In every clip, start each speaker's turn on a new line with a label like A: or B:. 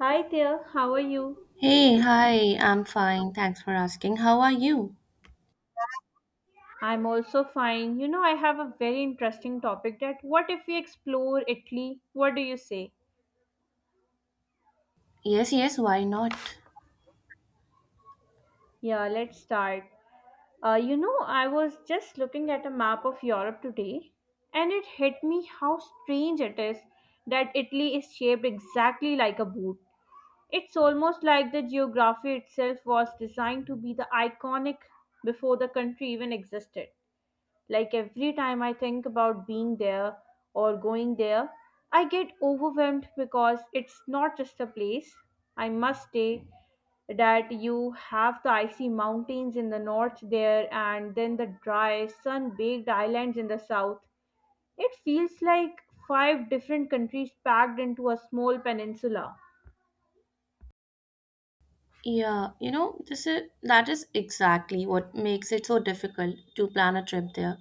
A: Hi there, how are you?
B: Hey, hi, I'm fine. Thanks for asking. How are you?
A: I'm also fine. You know, I have a very interesting topic that what if we explore Italy? What do you say?
B: Yes, yes, why not?
A: Yeah, let's start. You know, I was just looking at a map of Europe today and it hit me how strange it is that Italy is shaped exactly like a boot. It's almost like the geography itself was designed to be the iconic before the country even existed. Like every time I think about being there or going there, I get overwhelmed because it's not just a place. I must say that you have the icy mountains in the north there and then the dry, sun baked islands in the south. It feels like five different countries packed into a small peninsula.
B: Yeah, you know, this is that is exactly what makes it so difficult to plan a trip there.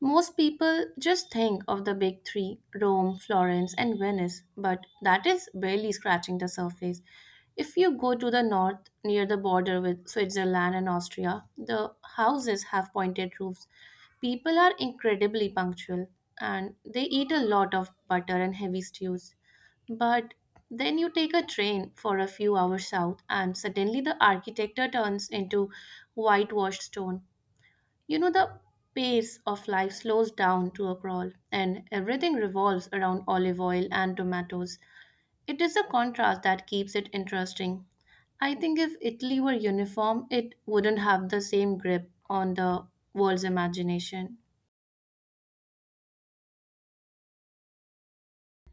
B: Most people just think of the big three, Rome, Florence, and Venice, but that is barely scratching the surface. If you go to the north near the border with Switzerland and Austria, the houses have pointed roofs. People are incredibly punctual and they eat a lot of butter and heavy stews. But then you take a train for a few hours south, and suddenly the architecture turns into whitewashed stone. You know, the pace of life slows down to a crawl, and everything revolves around olive oil and tomatoes. It is the contrast that keeps it interesting. I think if Italy were uniform, it wouldn't have the same grip on the world's imagination.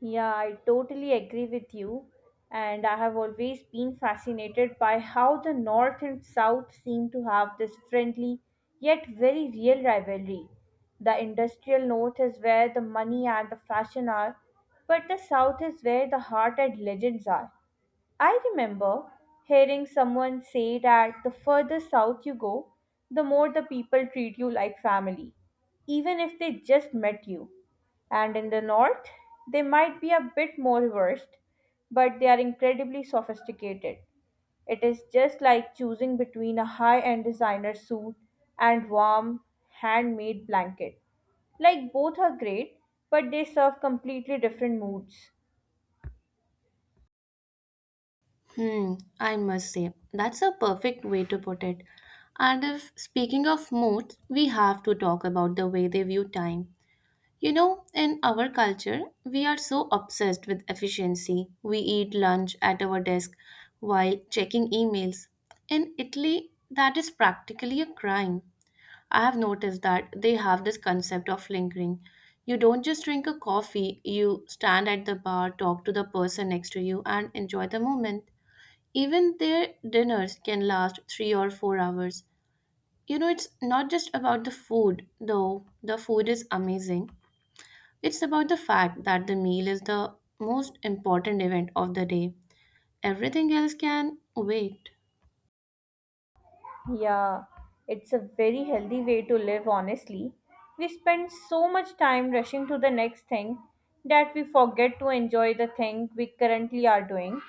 A: Yeah, I totally agree with you. And I have always been fascinated by how the North and South seem to have this friendly yet very real rivalry. The industrial North is where the money and the fashion are, but the South is where the heart and legends are. I remember hearing someone say that the further south you go, the more the people treat you like family, even if they just met you. And in the north, they might be a bit more versed, but they are incredibly sophisticated. It is just like choosing between a high end designer suit and warm, handmade blanket. Like both are great, but they serve completely different moods.
B: Hmm, I must say, that's a perfect way to put it. And if speaking of moods, we have to talk about the way they view time. You know, in our culture, we are so obsessed with efficiency. We eat lunch at our desk while checking emails. In Italy, that is practically a crime. I have noticed that they have this concept of lingering. You don't just drink a coffee, you stand at the bar, talk to the person next to you, and enjoy the moment. Even their dinners can last 3 or 4 hours. You know, it's not just about the food, though the food is amazing. It's about the fact that the meal is the most important event of the day. Everything else can wait.
A: Yeah, it's a very healthy way to live, honestly. We spend so much time rushing to the next thing that we forget to enjoy the thing we currently are doing.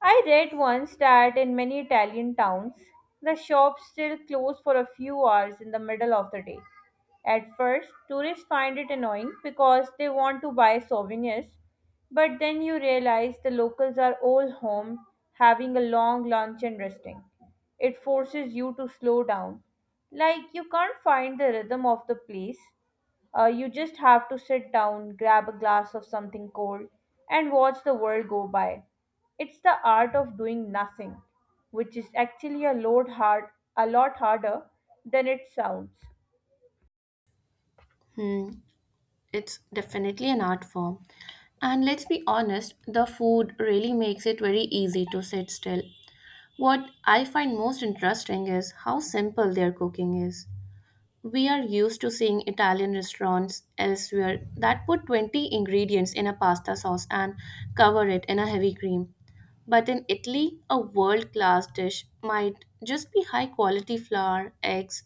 A: I read once that in many Italian towns, the shops still close for a few hours in the middle of the day. At first, tourists find it annoying because they want to buy souvenirs, but then you realize the locals are all home having a long lunch and resting. It forces you to slow down. Like you can't find the rhythm of the place, you just have to sit down, grab a glass of something cold, and watch the world go by. It's the art of doing nothing, which is actually a lot harder than it sounds.
B: Hmm, it's definitely an art form. And let's be honest, the food really makes it very easy to sit still. What I find most interesting is how simple their cooking is. We are used to seeing Italian restaurants elsewhere that put 20 ingredients in a pasta sauce and cover it in a heavy cream. But in Italy, a world class dish might just be high quality flour, eggs,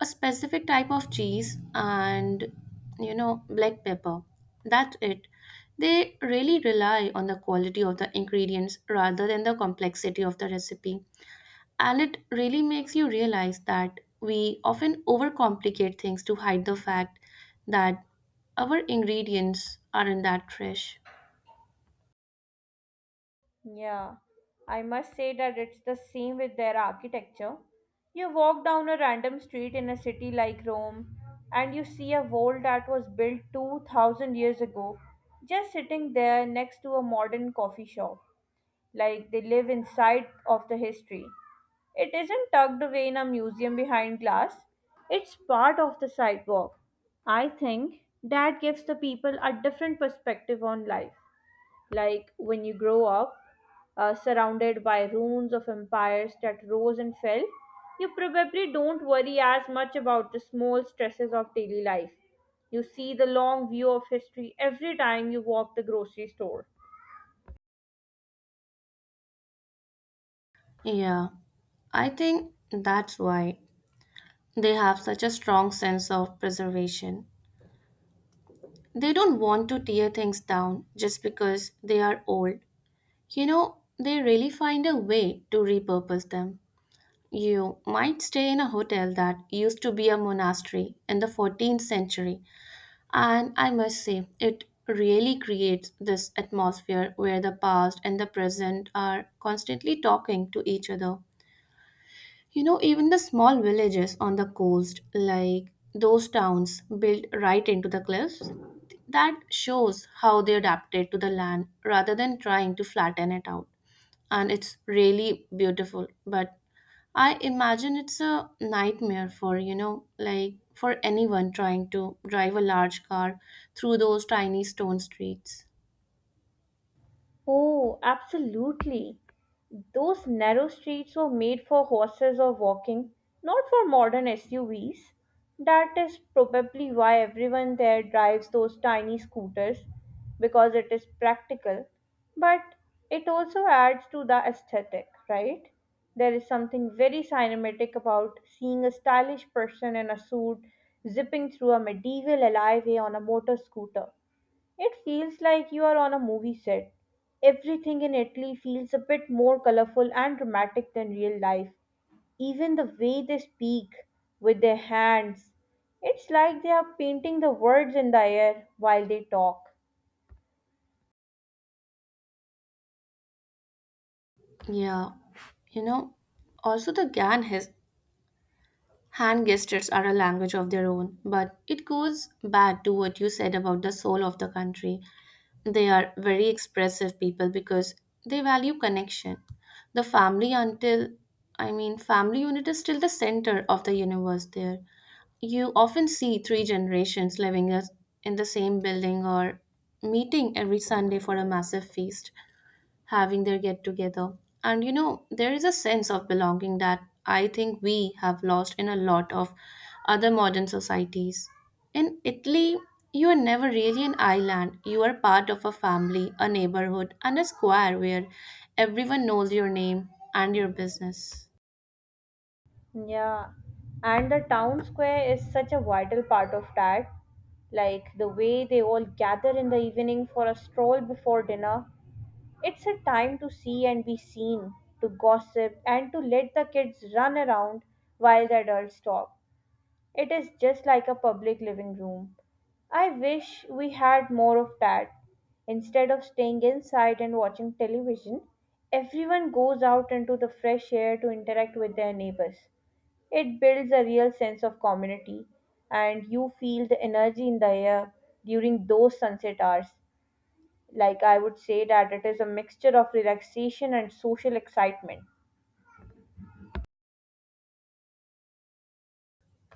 B: a specific type of cheese, and, you know, black pepper. That's it. They really rely on the quality of the ingredients rather than the complexity of the recipe. And it really makes you realize that we often overcomplicate things to hide the fact that our ingredients aren't that fresh.
A: Yeah, I must say that it's the same with their architecture. You walk down a random street in a city like Rome and you see a wall that was built 2000 years ago just sitting there next to a modern coffee shop. Like they live inside of the history. It isn't tucked away in a museum behind glass, it's part of the sidewalk. I think that gives the people a different perspective on life. Like when you grow up surrounded by ruins of empires that rose and fell, you probably don't worry as much about the small stresses of daily life. You see the long view of history every time you walk the grocery store.
B: Yeah, I think that's why they have such a strong sense of preservation. They don't want to tear things down just because they are old. You know, they really find a way to repurpose them. You might stay in a hotel that used to be a monastery in the 14th century. And I must say, it really creates this atmosphere where the past and the present are constantly talking to each other. You know, even the small villages on the coast, like those towns built right into the cliffs, that shows how they adapted to the land rather than trying to flatten it out. And it's really beautiful, but I imagine it's a nightmare for, you know, like for anyone trying to drive a large car through those tiny stone streets.
A: Oh, absolutely. Those narrow streets were made for horses or walking, not for modern SUVs. That is probably why everyone there drives those tiny scooters because it is practical, but it also adds to the aesthetic, right? There is something very cinematic about seeing a stylish person in a suit zipping through a medieval alleyway on a motor scooter. It feels like you are on a movie set. Everything in Italy feels a bit more colorful and dramatic than real life. Even the way they speak with their hands, it's like they are painting the words in the air while they talk.
B: Yeah, you know, also the GAN has hand gestures are a language of their own, but it goes back to what you said about the soul of the country. They are very expressive people because they value connection. The family until family unit is still the center of the universe there. You often see three generations living in the same building or meeting every Sunday for a massive feast, having their get together. And you know, there is a sense of belonging that I think we have lost in a lot of other modern societies. In Italy, you are never really an island. You are part of a family, a neighborhood, and a square where everyone knows your name and your business.
A: Yeah, and the town square is such a vital part of that. Like the way they all gather in the evening for a stroll before dinner. It's a time to see and be seen, to gossip, and to let the kids run around while the adults talk. It is just like a public living room. I wish we had more of that. Instead of staying inside and watching television, everyone goes out into the fresh air to interact with their neighbors. It builds a real sense of community, and you feel the energy in the air during those sunset hours. Like, I would say that it is a mixture of relaxation and social excitement.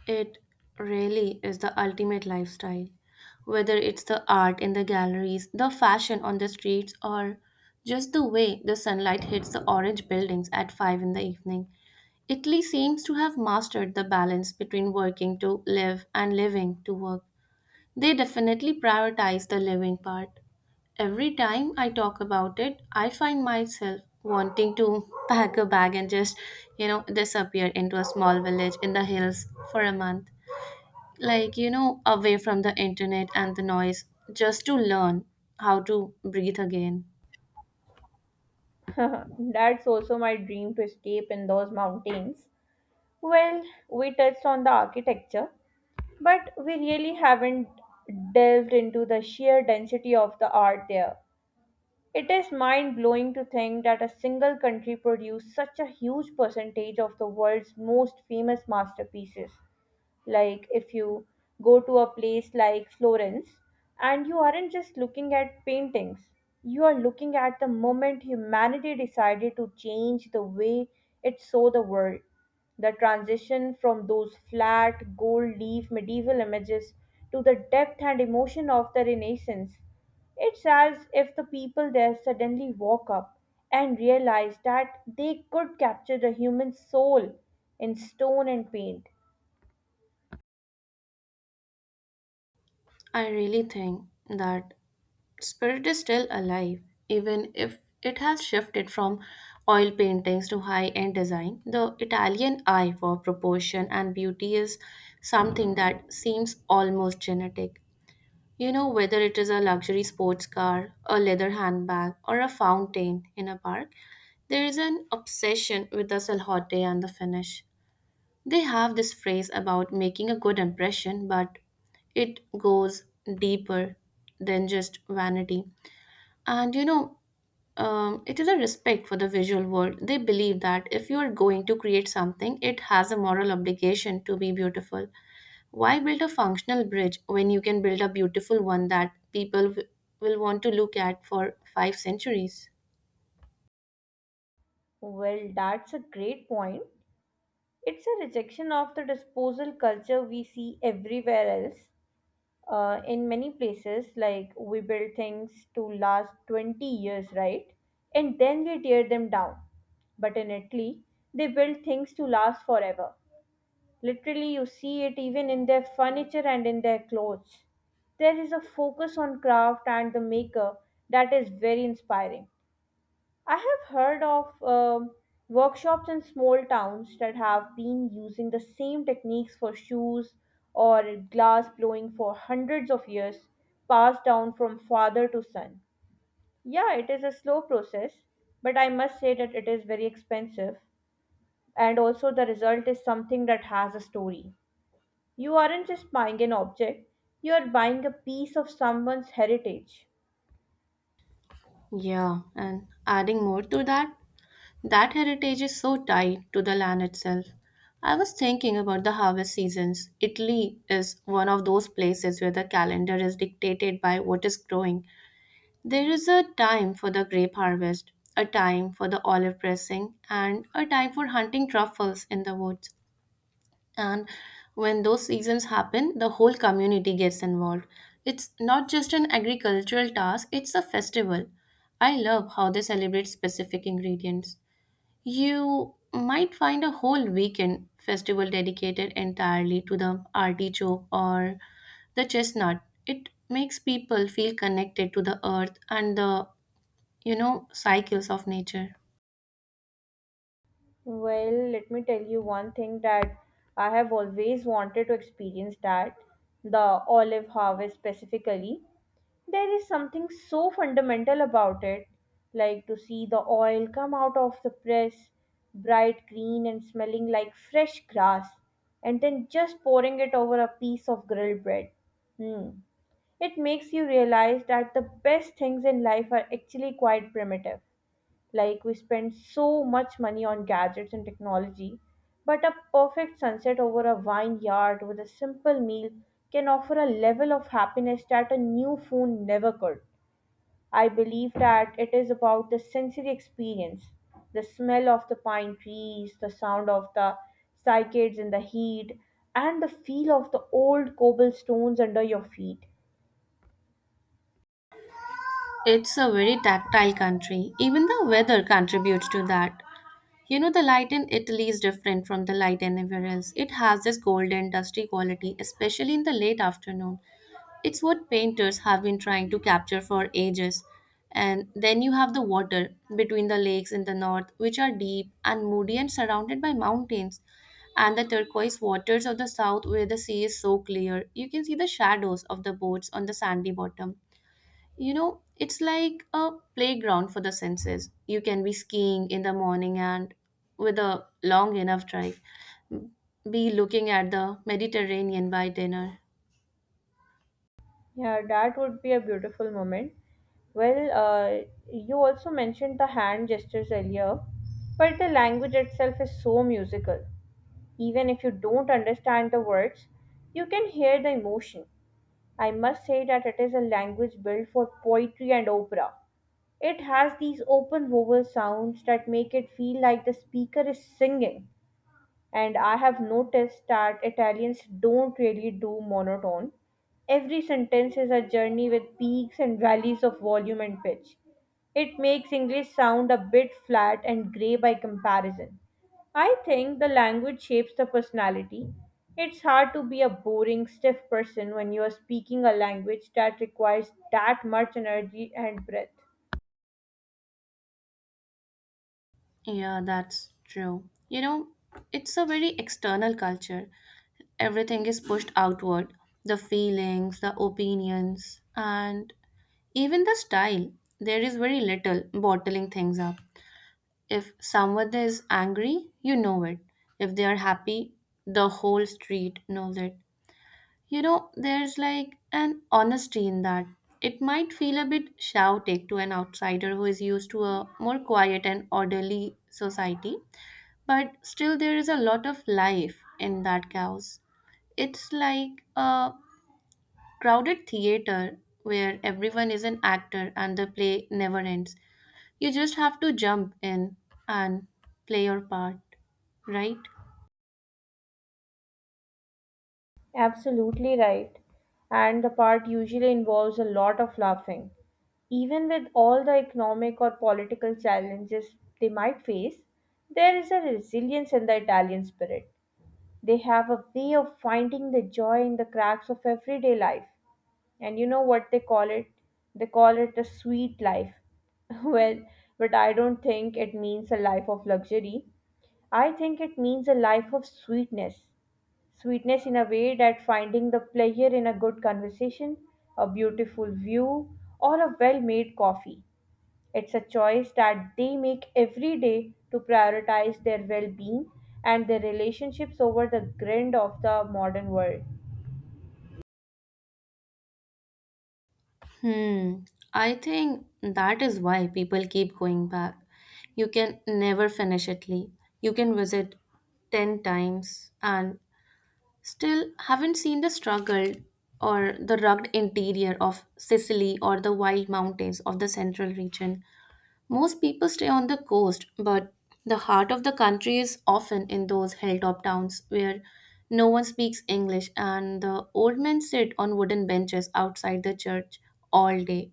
B: It really is the ultimate lifestyle. Whether it's the art in the galleries, the fashion on the streets, or just the way the sunlight hits the orange buildings at 5 in the evening, Italy seems to have mastered the balance between working to live and living to work. They definitely prioritize the living part. Every time I talk about it, I find myself wanting to pack a bag and just, you know, disappear into a small village in the hills for a month, like, you know, away from the internet and the noise, just to learn how to breathe again.
A: That's also my dream to escape in those mountains. Well, we touched on the architecture, but we really haven't delved into the sheer density of the art there. It is mind blowing to think that a single country produced such a huge percentage of the world's most famous masterpieces. Like if you go to a place like Florence and you aren't just looking at paintings, you are looking at the moment humanity decided to change the way it saw the world. The transition from those flat, gold leaf medieval images to the depth and emotion of the Renaissance. It's as if the people there suddenly woke up and realized that they could capture the human soul in stone and paint.
B: I really think that spirit is still alive, even if it has shifted from oil paintings to high end design. The Italian eye for proportion and beauty is something that seems almost genetic. You know, whether it is a luxury sports car, a leather handbag, or a fountain in a park, there is an obsession with the salhote and the finish. They have this phrase about making a good impression, but it goes deeper than just vanity. And you know, it is a respect for the visual world. They believe that if you are going to create something, it has a moral obligation to be beautiful. Why build a functional bridge when you can build a beautiful one that people will want to look at for five centuries?
A: Well, that's a great point. It's a rejection of the disposal culture we see everywhere else. In many places, like we build things to last 20 years, right? And then we tear them down. But in Italy, they build things to last forever. Literally, you see it even in their furniture and in their clothes. There is a focus on craft and the maker that is very inspiring. I have heard of workshops in small towns that have been using the same techniques for shoes or glass blowing for hundreds of years, passed down from father to son. Yeah, it is a slow process, but I must say that it is very expensive, and also the result is something that has a story. You aren't just buying an object, you are buying a piece of someone's heritage.
B: Yeah, and adding more to that, that heritage is so tied to the land itself. I was thinking about the harvest seasons. Italy is one of those places where the calendar is dictated by what is growing. There is a time for the grape harvest, a time for the olive pressing, and a time for hunting truffles in the woods. And when those seasons happen, the whole community gets involved. It's not just an agricultural task, it's a festival. I love how they celebrate specific ingredients. You might find a whole weekend festival dedicated entirely to the artichoke or the chestnut. It makes people feel connected to the earth and the, you know, cycles of nature.
A: Well, let me tell you one thing that I have always wanted to experience that the olive harvest specifically. There is something so fundamental about it, like to see the oil come out of the press, bright green and smelling like fresh grass, and then just pouring it over a piece of grilled bread. Hmm. It makes you realize that the best things in life are actually quite primitive like we spend so much money on gadgets and technology, but a perfect sunset over a vineyard with a simple meal can offer a level of happiness that a new phone never could. I believe that it is about the sensory experience, the smell of the pine trees, the sound of the cycads in the heat, and the feel of the old cobblestones under your feet.
B: It's a very tactile country. Even the weather contributes to that. You know, the light in Italy is different from the light anywhere else. It has this golden, dusty quality, especially in the late afternoon. It's what painters have been trying to capture for ages. And then you have the water between the lakes in the north, which are deep and moody and surrounded by mountains, and the turquoise waters of the south, where the sea is so clear, you can see the shadows of the boats on the sandy bottom. You know, it's like a playground for the senses. You can be skiing in the morning and, with a long enough drive, be looking at the Mediterranean by dinner.
A: Yeah, that would be a beautiful moment. Well, you also mentioned the hand gestures earlier, but the language itself is so musical. Even if you don't understand the words, you can hear the emotion. I must say that it is a language built for poetry and opera. It has these open vowel sounds that make it feel like the speaker is singing and I have noticed that Italians don't really do monotone. Every sentence is a journey with peaks and valleys of volume and pitch. It makes English sound a bit flat and grey by comparison. I think the language shapes the personality. It's hard to be a boring, stiff person when you are speaking a language that requires that much energy and breath.
B: Yeah, that's true. You know, it's a very external culture. Everything is pushed outward, the feelings, the opinions, and even the style. There is very little bottling things up. If someone is angry, you know it. If they are happy, the whole street knows it. You know, there's like an honesty in that. It might feel a bit shouty to an outsider who is used to a more quiet and orderly society, but still there is a lot of life in that chaos. It's like a crowded theater where everyone is an actor and the play never ends. You just have to jump in and play your part, right?
A: Absolutely right. And the part usually involves a lot of laughing. Even with all the economic or political challenges they might face, there is a resilience in the Italian spirit. They have a way of finding the joy in the cracks of everyday life. And you know what they call it? They call it the sweet life. Well, but I don't think it means a life of luxury. I think it means a life of sweetness. Sweetness in a way that finding the pleasure in a good conversation, a beautiful view, or a well made coffee. It's a choice that they make every day to prioritize their well being and their relationships over the grind of the modern world.
B: Hmm, I think that is why people keep going back. You can never finish Italy. You can visit 10 times and still haven't seen the struggle or the rugged interior of Sicily or the wild mountains of the central region. Most people stay on the coast, but the heart of the country is often in those hilltop towns where no one speaks English and the old men sit on wooden benches outside the church all day.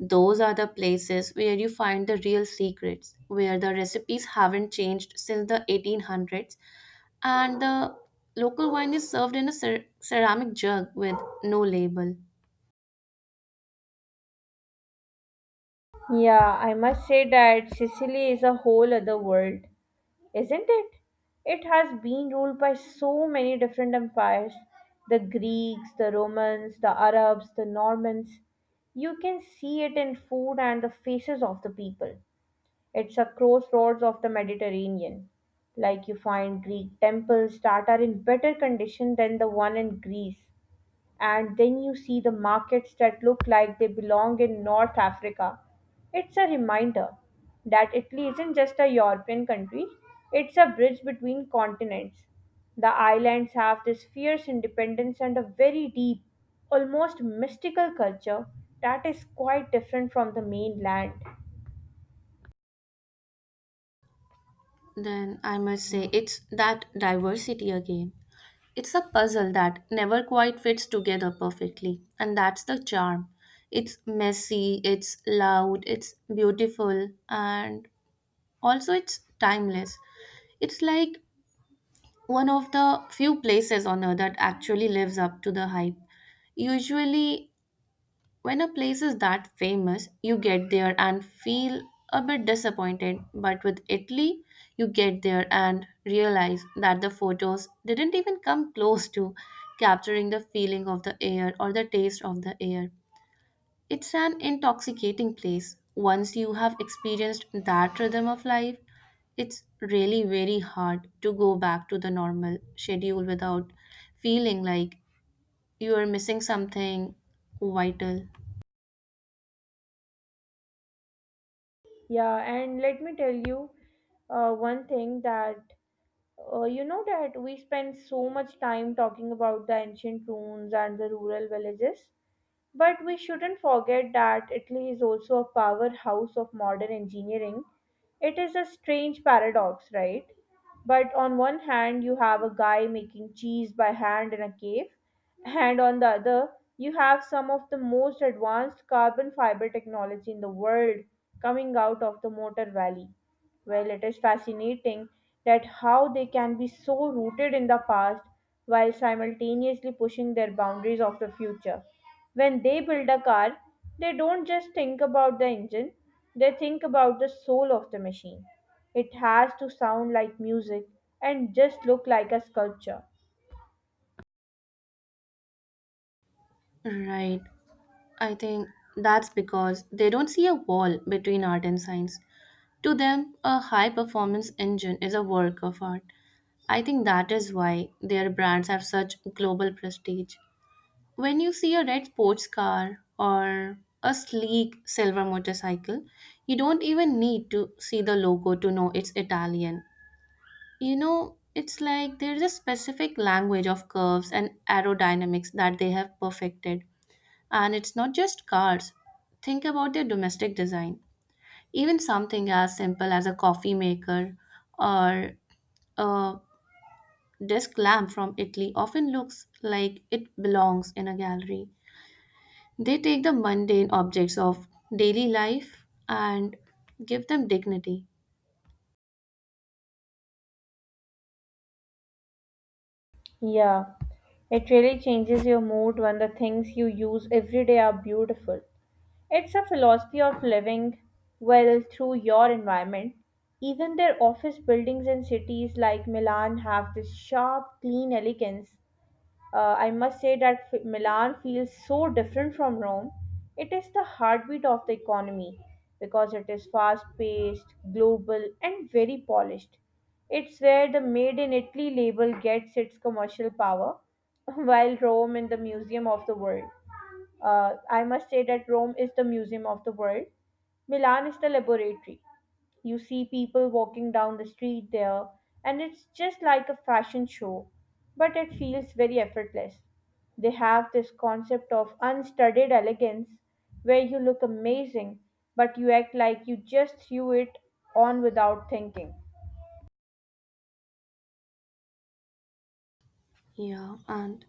B: Those are the places where you find the real secrets, where the recipes haven't changed since the 1800s, and the local wine is served in a ceramic jug with no label.
A: Yeah, I must say that Sicily is a whole other world. Isn't it? It has been ruled by so many different empires, the Greeks, the Romans, the Arabs, the Normans. You can see it in food and the faces of the people. It's a crossroads of the Mediterranean. Like you find Greek temples that are in better condition than the one in Greece, and then you see the markets that look like they belong in North Africa. It's a reminder that Italy isn't just a European country, it's a bridge between continents. The islands have this fierce independence and a very deep, almost mystical culture that is quite different from the mainland.
B: Then I must say, it's that diversity again. It's a puzzle that never quite fits together perfectly, and that's the charm. It's messy, it's loud, it's beautiful, and also it's timeless. It's like one of the few places on earth that actually lives up to the hype. Usually, when a place is that famous, you get there and feel a bit disappointed, but with Italy, you get there and realize that the photos didn't even come close to capturing the feeling of the air or the taste of the air. It's an intoxicating place. Once you have experienced that rhythm of life, it's really very hard to go back to the normal schedule without feeling like you are missing something vital.
A: Yeah, and let me tell you one thing that you know that we spend so much time talking about the ancient ruins and the rural villages, but we shouldn't forget that Italy is also a powerhouse of modern engineering. It is a strange paradox, right? But on one hand, you have a guy making cheese by hand in a cave, and on the other, you have some of the most advanced carbon fiber technology in the world coming out of the Motor Valley. Well, it is fascinating that how they can be so rooted in the past while simultaneously pushing their boundaries of the future. When they build a car, they don't just think about the engine, they think about the soul of the machine. It has to sound like music and just look like a sculpture.
B: Right. I think that's because they don't see a wall between art and science. To them, a high performance engine is a work of art. I think that is why their brands have such global prestige. When you see a red sports car or a sleek silver motorcycle, you don't even need to see the logo to know it's Italian. You know, it's like there's a specific language of curves and aerodynamics that they have perfected, and it's not just cars. Think about their domestic design. Even something as simple as a coffee maker or a desk lamp from Italy often looks like it belongs in a gallery. They take the mundane objects of daily life and give them dignity.
A: Yeah, it really changes your mood when the things you use every day are beautiful. It's a philosophy of living well through your environment. Even their office buildings in cities like Milan have this sharp, clean elegance. I must say that Milan feels so different from Rome. It is the heartbeat of the economy because it is fast paced, global, and very polished. It's where the Made in Italy label gets its commercial power, while Rome is the museum of the world. I must say that Rome is the museum of the world. Milan is the laboratory. You see people walking down the street there, and it's just like a fashion show, but it feels very effortless. They have this concept of unstudied elegance where you look amazing, but you act like you just threw it on without thinking.
B: Yeah. and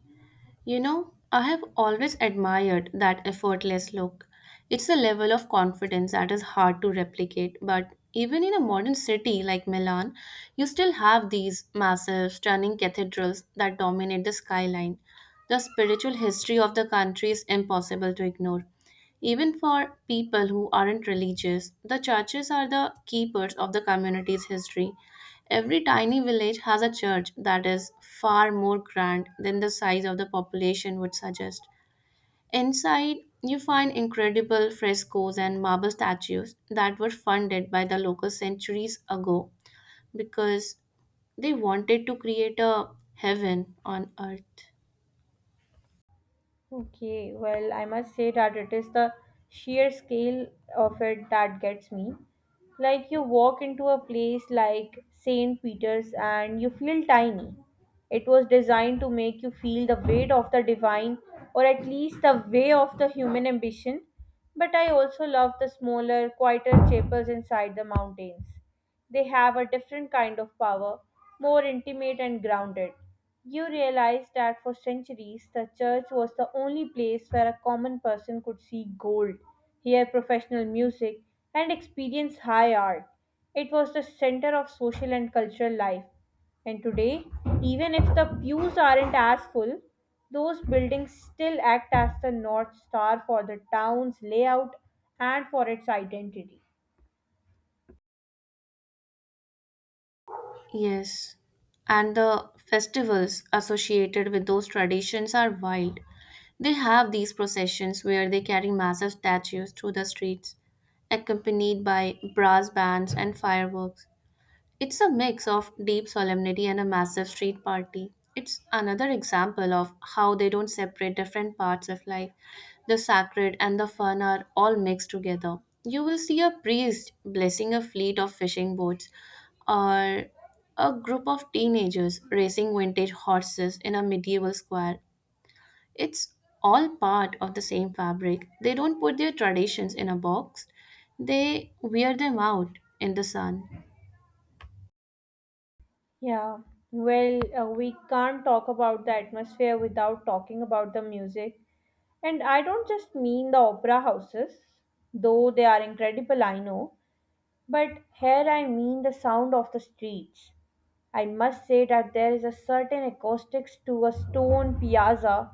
B: You know, I have always admired that effortless look. It's a level of confidence that is hard to replicate, but even in a modern city like Milan, you still have these massive, stunning cathedrals that dominate the skyline. The spiritual history of the country is impossible to ignore. Even for people who aren't religious, the churches are the keepers of the community's history. Every tiny village has a church that is far more grand than the size of the population would suggest. Inside, you find incredible frescoes and marble statues that were funded by the locals centuries ago because they wanted to create a heaven on earth.
A: Okay, well, I must say that it is the sheer scale of it that gets me. Like, you walk into a place like St. Peter's and you feel tiny. It was designed to make you feel the weight of the divine, or at least the way of the human ambition. But I also love the smaller, quieter chapels inside the mountains. They have a different kind of power, more intimate and grounded. You realize that for centuries, the church was the only place where a common person could see gold, hear professional music, and experience high art. It was the center of social and cultural life. And today, even if the pews aren't as full, those buildings still act as the north star for the town's layout and for its identity.
B: Yes, and the festivals associated with those traditions are wild. They have these processions where they carry massive statues through the streets, accompanied by brass bands and fireworks. It's a mix of deep solemnity and a massive street party. It's another example of how they don't separate different parts of life. The sacred and the fun are all mixed together. You will see a priest blessing a fleet of fishing boats, or a group of teenagers racing vintage horses in a medieval square. It's all part of the same fabric. They don't put their traditions in a box, they wear them out in the sun.
A: Yeah, well, we can't talk about the atmosphere without talking about the music. And I don't just mean the opera houses, though they are incredible, I know, but here I mean the sound of the streets. I must say that there is a certain acoustics to a stone piazza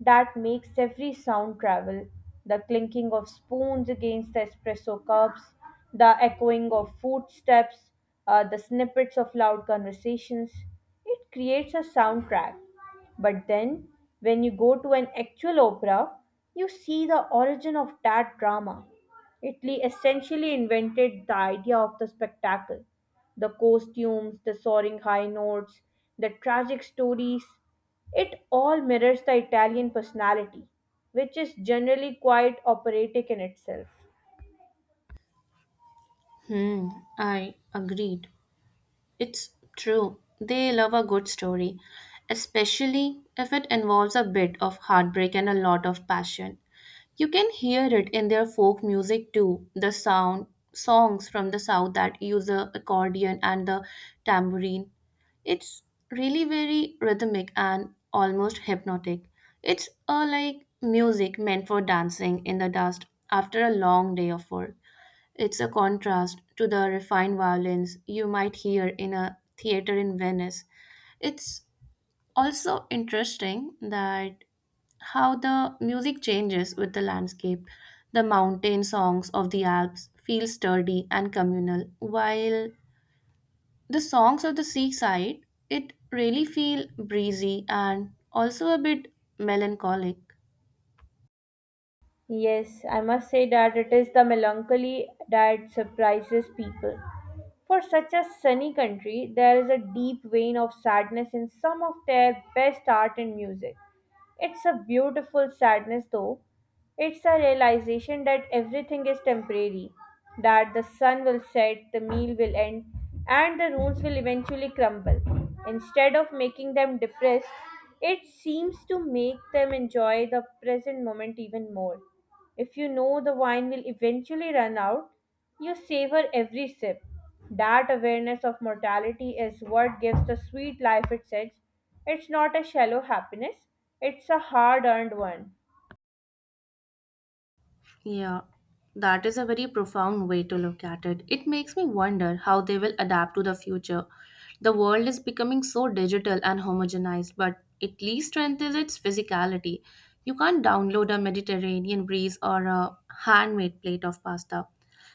A: that makes every sound travel. The clinking of spoons against the espresso cups, the echoing of footsteps, the snippets of loud conversations. It creates a soundtrack. But then, when you go to an actual opera, you see the origin of that drama. Italy essentially invented the idea of the spectacle, the costumes, the soaring high notes, the tragic stories. It all mirrors the Italian personality, which is generally quite operatic in itself.
B: Hmm, I agreed. It's true. They love a good story, especially if it involves a bit of heartbreak and a lot of passion. You can hear it in their folk music too, the sound songs from the south that use the accordion and the tambourine. It's really very rhythmic and almost hypnotic. It's like music meant for dancing in the dust after a long day of work. It's a contrast to the refined violins you might hear in a theater in Venice. It's also interesting that how the music changes with the landscape. The mountain songs of the Alps feel sturdy and communal, while the songs of the seaside it really feel breezy and also a bit melancholic.
A: Yes, I must say that it is the melancholy that surprises people. For such a sunny country, there is a deep vein of sadness in some of their best art and music. It's a beautiful sadness, though. It's a realization that everything is temporary, that the sun will set, the meal will end, and the ruins will eventually crumble. Instead of making them depressed, it seems to make them enjoy the present moment even more. If you know the wine will eventually run out, you savor every sip. That awareness of mortality is what gives the sweet life its edge. It's not a shallow happiness, it's a hard earned one.
B: Yeah, that is a very profound way to look at it. It makes me wonder how they will adapt to the future. The world is becoming so digital and homogenized, but at least strength is its physicality. You can't download a Mediterranean breeze or a handmade plate of pasta.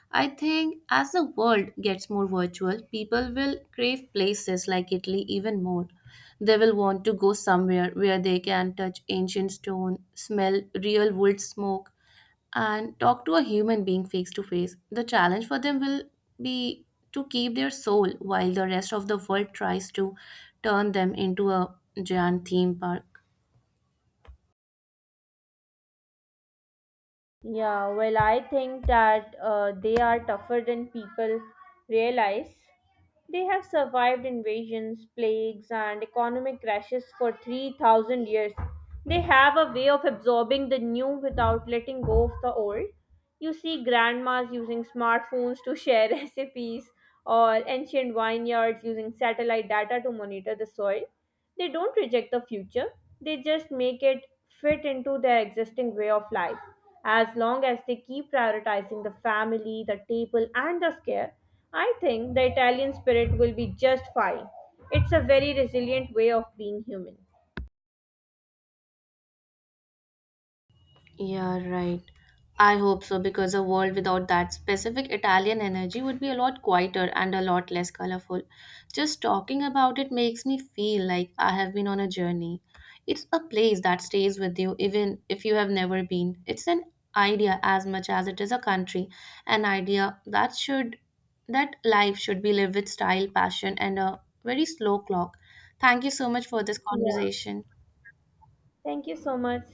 B: I think as the world gets more virtual, people will crave places like Italy even more. They will want to go somewhere where they can touch ancient stone, smell real wood smoke, and talk to a human being face to face. The challenge for them will be to keep their soul while the rest of the world tries to turn them into a giant theme park.
A: Yeah, well, I think that they are tougher than people realize. They have survived invasions, plagues, and economic crashes for 3,000 years. They have a way of absorbing the new without letting go of the old. You see grandmas using smartphones to share recipes, or ancient vineyards using satellite data to monitor the soil. They don't reject the future, they just make it fit into their existing way of life. As long as they keep prioritizing the family, the table, and the scare, I think the Italian spirit will be just fine. It's a very resilient way of being human.
B: Yeah, right. I hope so, because a world without that specific Italian energy would be a lot quieter and a lot less colorful. Just talking about it makes me feel like I have been on a journey. It's a place that stays with you even if you have never been. It's an idea as much as it is a country, an idea that should that life should be lived with style, passion and a very slow clock. Thank you so much for this
A: Yeah.
B: conversation.
A: Thank you so much.